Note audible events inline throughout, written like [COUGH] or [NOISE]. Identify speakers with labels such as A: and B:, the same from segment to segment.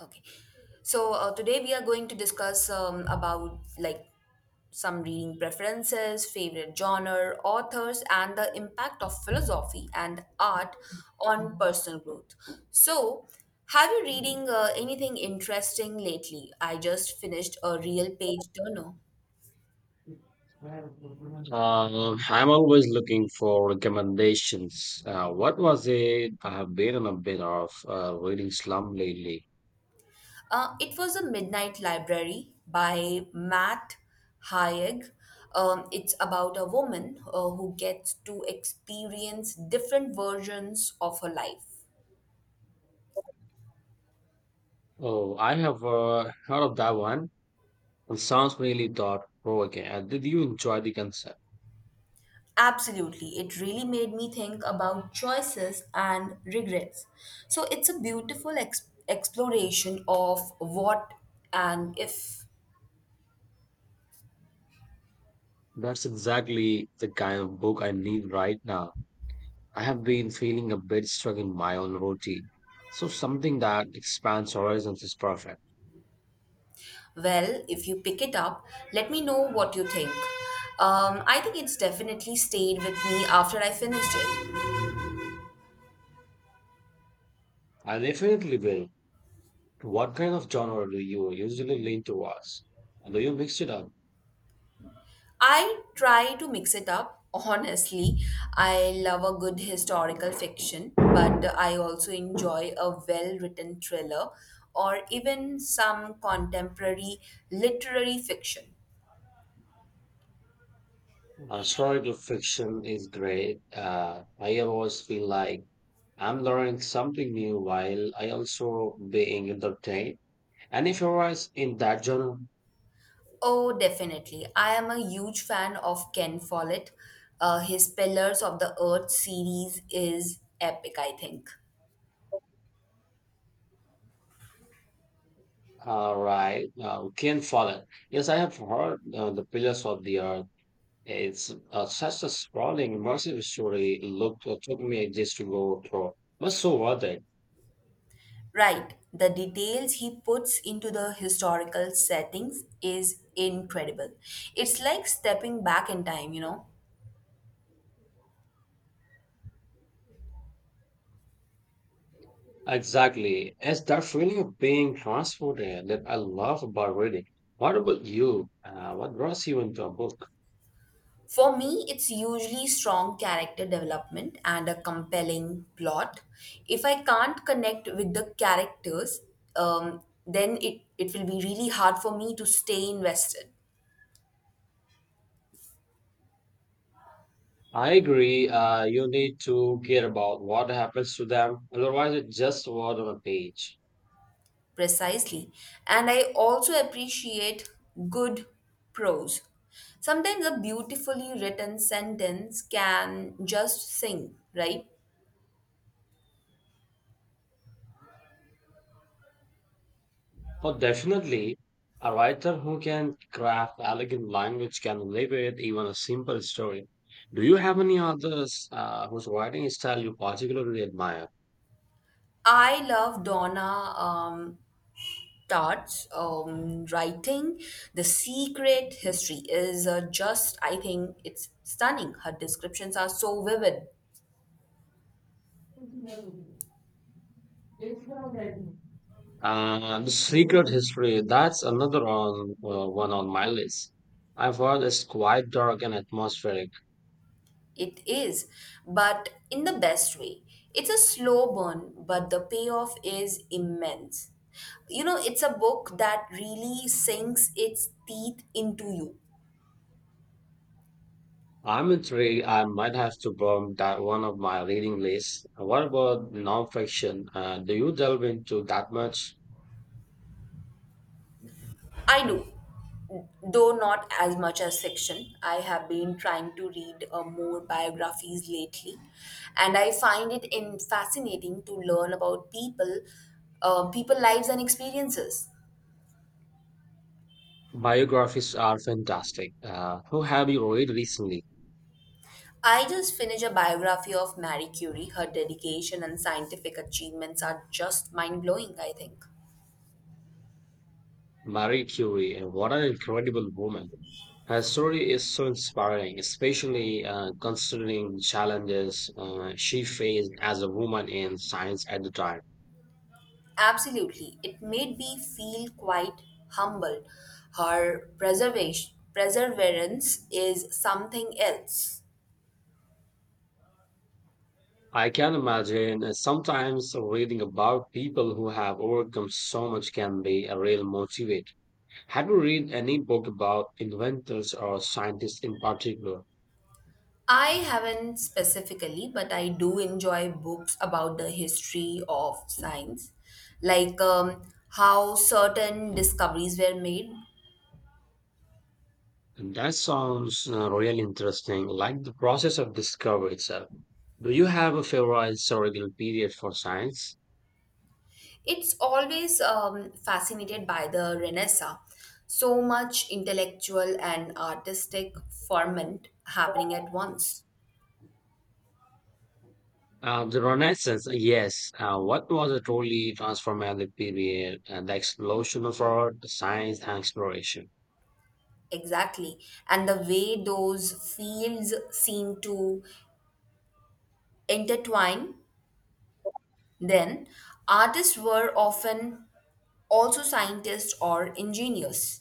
A: Okay. Today we are going to discuss about like some reading preferences, favorite genre, authors, and the impact of philosophy and art on personal growth. So, have you reading anything interesting lately? I just finished a real page turner.
B: I'm always looking for recommendations. What was it? I have been on a bit of reading slum lately.
A: It was a midnight library by Matt Haig. It's about a woman who gets to experience different versions of her life.
B: Oh, I have heard of that one. It sounds really thought-provoking. Did you enjoy the concept?
A: Absolutely, it really made me think about choices and regrets. So it's a beautiful exploration of what and if.
B: That's exactly the kind of book I need right now. I have been feeling a bit stuck in my own routine. So something that expands horizons is perfect.
A: Well, if you pick it up, let me know what you think. I think it's definitely stayed with me after I finished it.
B: I definitely will. What kind of genre do you usually lean towards? Do you mix it up?
A: I try to mix it up. Honestly, I love a good historical fiction, but I also enjoy a well written thriller or even some contemporary literary fiction.
B: Historical fiction is great. I always feel like I'm learning something new while I also being entertained. And if you're right in that genre,
A: Oh, definitely. I am a huge fan of Ken Follett. His Pillars of the Earth series is epic, I think.
B: right, Ken Follett. Yes, I have heard The Pillars of the Earth. It's such a sprawling, immersive story. Look, it took me ages to go through, but so worth it.
A: Right, the details he puts into the historical settings is incredible. It's like stepping back in time, you know.
B: Exactly. It's that feeling of being transported that I love about reading. What about you? What draws you into a book?
A: For me, it's usually strong character development and a compelling plot. If I can't connect with the characters, then it will be really hard for me to stay invested.
B: I agree. You need to care about what happens to them. Otherwise, it's just word on a page.
A: Precisely. And I also appreciate good prose. Sometimes a beautifully written sentence can just sing, right?
B: But definitely, a writer who can craft elegant language can elevate even a simple story. Do you have any others whose writing style you particularly admire?
A: I love Donna Tartt's writing. The Secret History is just, I think, it's stunning. Her descriptions are so vivid.
B: The Secret History, one on my list. I've heard it's quite dark and atmospheric.
A: It is, but in the best way. It's a slow burn, but the payoff is immense. You know, it's a book that really sinks its teeth into you.
B: I'm intrigued. I might have to bump that one of my reading lists. What about nonfiction? Do you delve into that much?
A: I do, though not as much as fiction. I have been trying to read more biographies lately, and I find it in fascinating to learn about people, people lives and experiences.
B: Biographies are fantastic. Who have you read recently?
A: I just finished a biography of Marie Curie. Her dedication and scientific achievements are just mind blowing, I think.
B: Marie Curie, and what an incredible woman. Her story is so inspiring, especially considering challenges she faced as a woman in science at the time.
A: Absolutely. It made me feel quite humble. Her preservation, perseverance is something else.
B: I can imagine sometimes reading about people who have overcome so much can be a real motivate. Have you read any book about inventors or scientists in particular?
A: I haven't specifically, but I do enjoy books about the history of science, like how certain discoveries were made.
B: And That sounds really interesting, like the process of discovery itself. Do you have a favorite historical period for science?
A: It's always fascinated by the Renaissance. So much intellectual and artistic ferment happening at once.
B: The Renaissance, yes. What was a truly transformative period? The explosion of art, science, and exploration.
A: Exactly. And the way those fields seem to intertwine, then artists were often also scientists or engineers.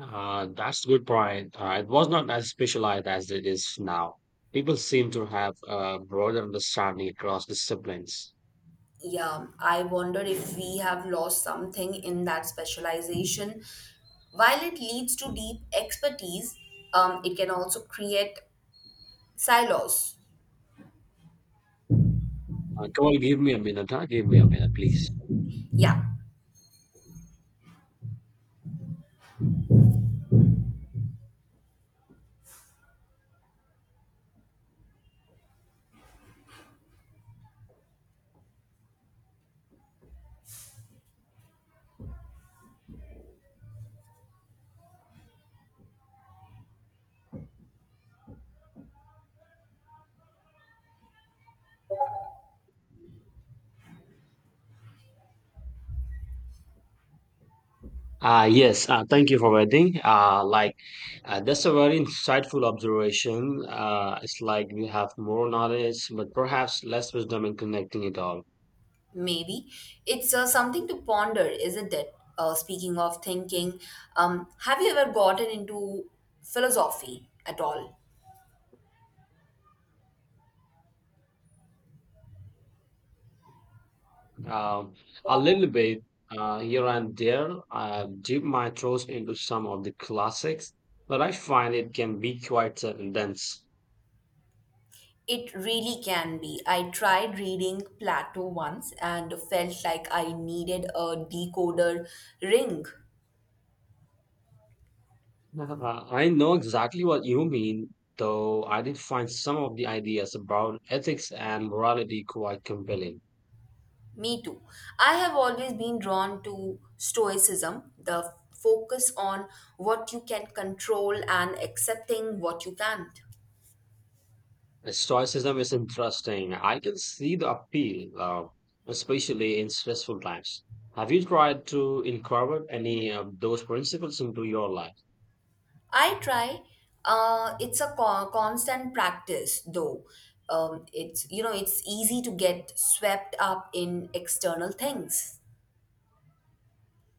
B: That's a good point. It was not as specialized as it is now. People seem to have a broader understanding across disciplines.
A: Yeah, I wonder if we have lost something in that specialization. While it leads to deep expertise, it can also create silos.
B: Come on, give me a minute, huh? Give me a minute, please.
A: Yeah,
B: Yes, thank you for waiting. That's a very insightful observation. It's like we have more knowledge, but perhaps less wisdom in connecting it all.
A: maybe. It's something to ponder, isn't it? Speaking of thinking, have you ever gotten into philosophy at all?
B: Um, a little bit here and there. I dip my toes into some of the classics, but I find it can be quite sudden dense.
A: It really can be. I tried reading Plato once and felt like I needed a decoder ring.
B: I know exactly what you mean, though I did find some of the ideas about ethics and morality quite compelling.
A: Me too. I have always been drawn to stoicism, the focus on what you can control and accepting what you can't.
B: Stoicism is interesting. I can see the appeal, especially in stressful times. Have you tried to incorporate any of those principles into your life?
A: I try. It's a constant practice, though. It's you know it's easy to get swept up in external things.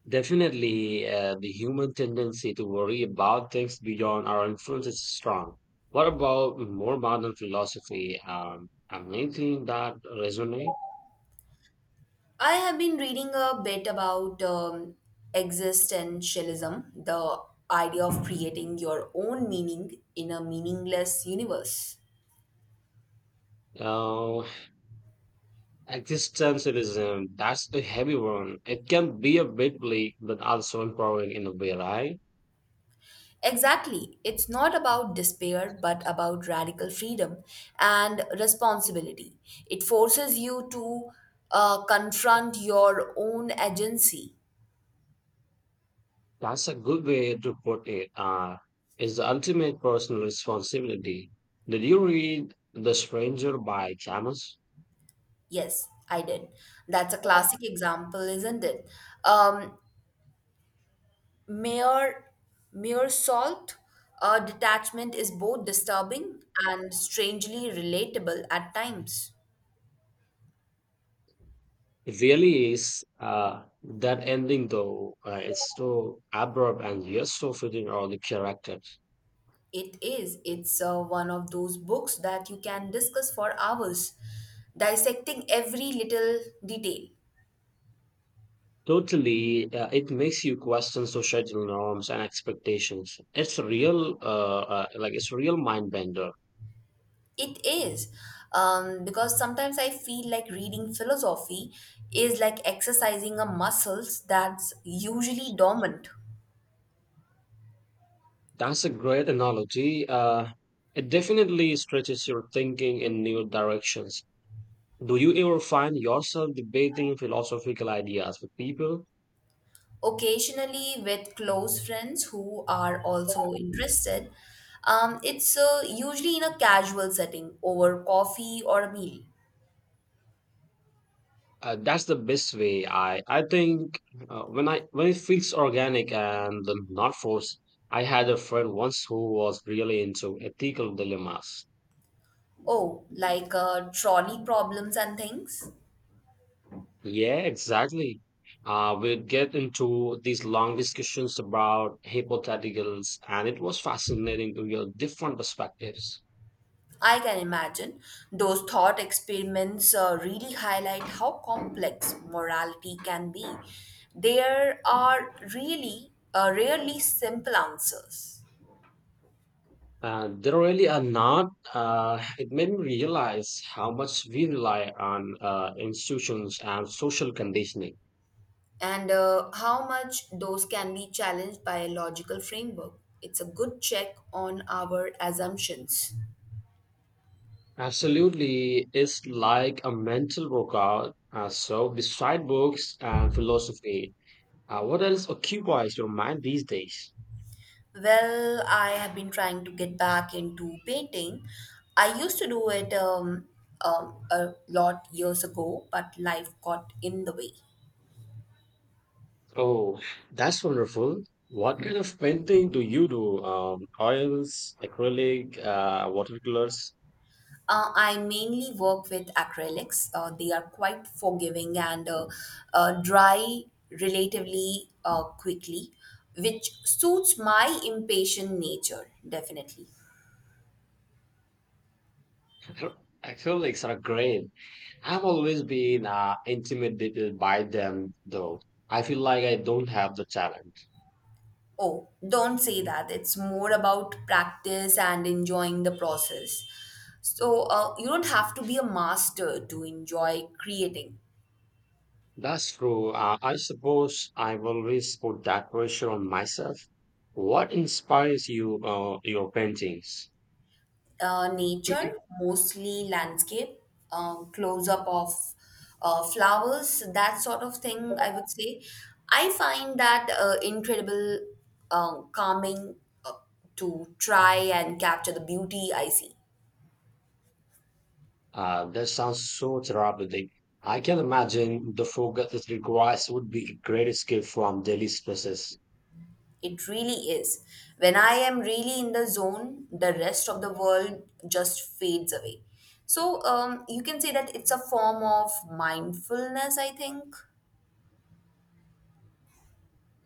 B: Definitely, the human tendency to worry about things beyond our influence is strong. What about more modern philosophy? I'm anything that resonate.
A: I have been reading a bit about existentialism, the idea of creating your own meaning in a meaningless universe.
B: Uh, existentialism, that's a heavy one. It can be a bit bleak, but also empowering in a way, right?
A: Exactly. It's not about despair, but about radical freedom and responsibility. It forces you to confront your own agency.
B: That's a good way to put it. It's the ultimate personal responsibility. Did you read The Stranger by Camus?
A: Yes, I did. That's a classic example, isn't it? Um, mere, mere salt detachment is both disturbing and strangely relatable at times.
B: It really is. That ending, though, it's so abrupt and you're so fitting all the characters.
A: It is. It's one of those books that you can discuss for hours, dissecting every little detail.
B: Totally, it makes you question societal norms and expectations. It's a real, it's a real mind bender.
A: It is. Because sometimes I feel like reading philosophy is like exercising a muscles that's usually dormant.
B: That's a great analogy. It definitely stretches your thinking in new directions. Do you ever find yourself debating philosophical ideas with people?
A: Occasionally, with close friends who are also interested, it's usually in a casual setting over coffee or a meal.
B: That's the best way. I think when it feels organic and not forced. I had a friend once who was really into ethical dilemmas.
A: Oh, like trolley problems and things.
B: Yeah, exactly. We'd get into these long discussions about hypotheticals, and it was fascinating to hear different perspectives.
A: I can imagine those thought experiments really highlight how complex morality can be. There are really rarely simple answers,
B: There really are not. It made me realize how much we rely on institutions and social conditioning.
A: and how much those can be challenged by a logical framework. It's a good check on our assumptions.
B: Absolutely, it's like a mental workout. So, beside books and philosophy, what else occupies your mind these days?
A: Well, I have been trying to get back into painting. I used to do it a lot years ago, but life got in the way.
B: Oh, that's wonderful. What kind of painting do you do? Oils, acrylic, watercolors?
A: I mainly work with acrylics. They are quite forgiving and dry relatively quickly, which suits my impatient nature, definitely.
B: [LAUGHS] Acrylics are great. I've always been intimidated by them, though. I feel like I don't have the talent.
A: Oh, don't say that. It's more about practice and enjoying the process. So, you don't have to be a master to enjoy creating.
B: That's true. I suppose I've always put that pressure on myself. What inspires you, your paintings?
A: Nature, mostly landscape, close up of flowers, that sort of thing, I would say. I find that incredible calming uh, to try and capture the beauty I see.
B: That sounds so therapeutic. I can imagine the focus it requires would be a great escape from daily stresses.
A: It really is. When I am really in the zone, the rest of the world just fades away. So you can say that it's a form of mindfulness, I think.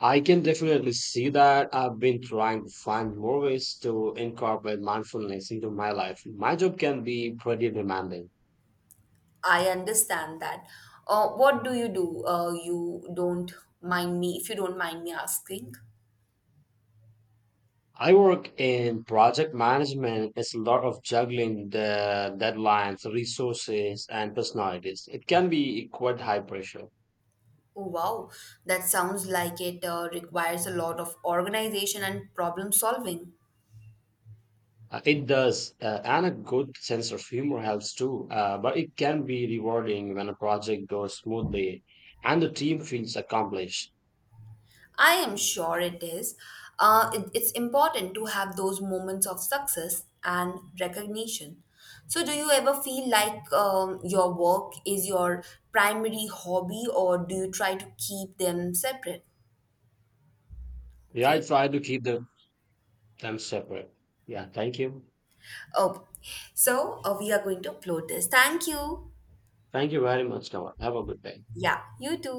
B: I can definitely see that. I've been trying to find more ways to incorporate mindfulness into my life. My job can be pretty demanding.
A: I understand that. What do? You don't mind me, if you don't mind me asking.
B: I work in project management. It's a lot of juggling the deadlines, resources, and personalities. It can be quite high pressure.
A: Oh, wow. That sounds like it requires a lot of organization and problem solving.
B: It does, and a good sense of humor helps too. But it can be rewarding when a project goes smoothly and the team feels accomplished.
A: I am sure it is. It's important to have those moments of success and recognition. So, do you ever feel like your work is your primary hobby, or do you try to keep them separate?
B: Yeah, I
A: Okay.
B: try to keep the, them separate. Yeah, thank you.
A: Oh, so we are going to upload this. Thank you.
B: Thank you very much, Kamal. Have a good day.
A: Yeah, you too.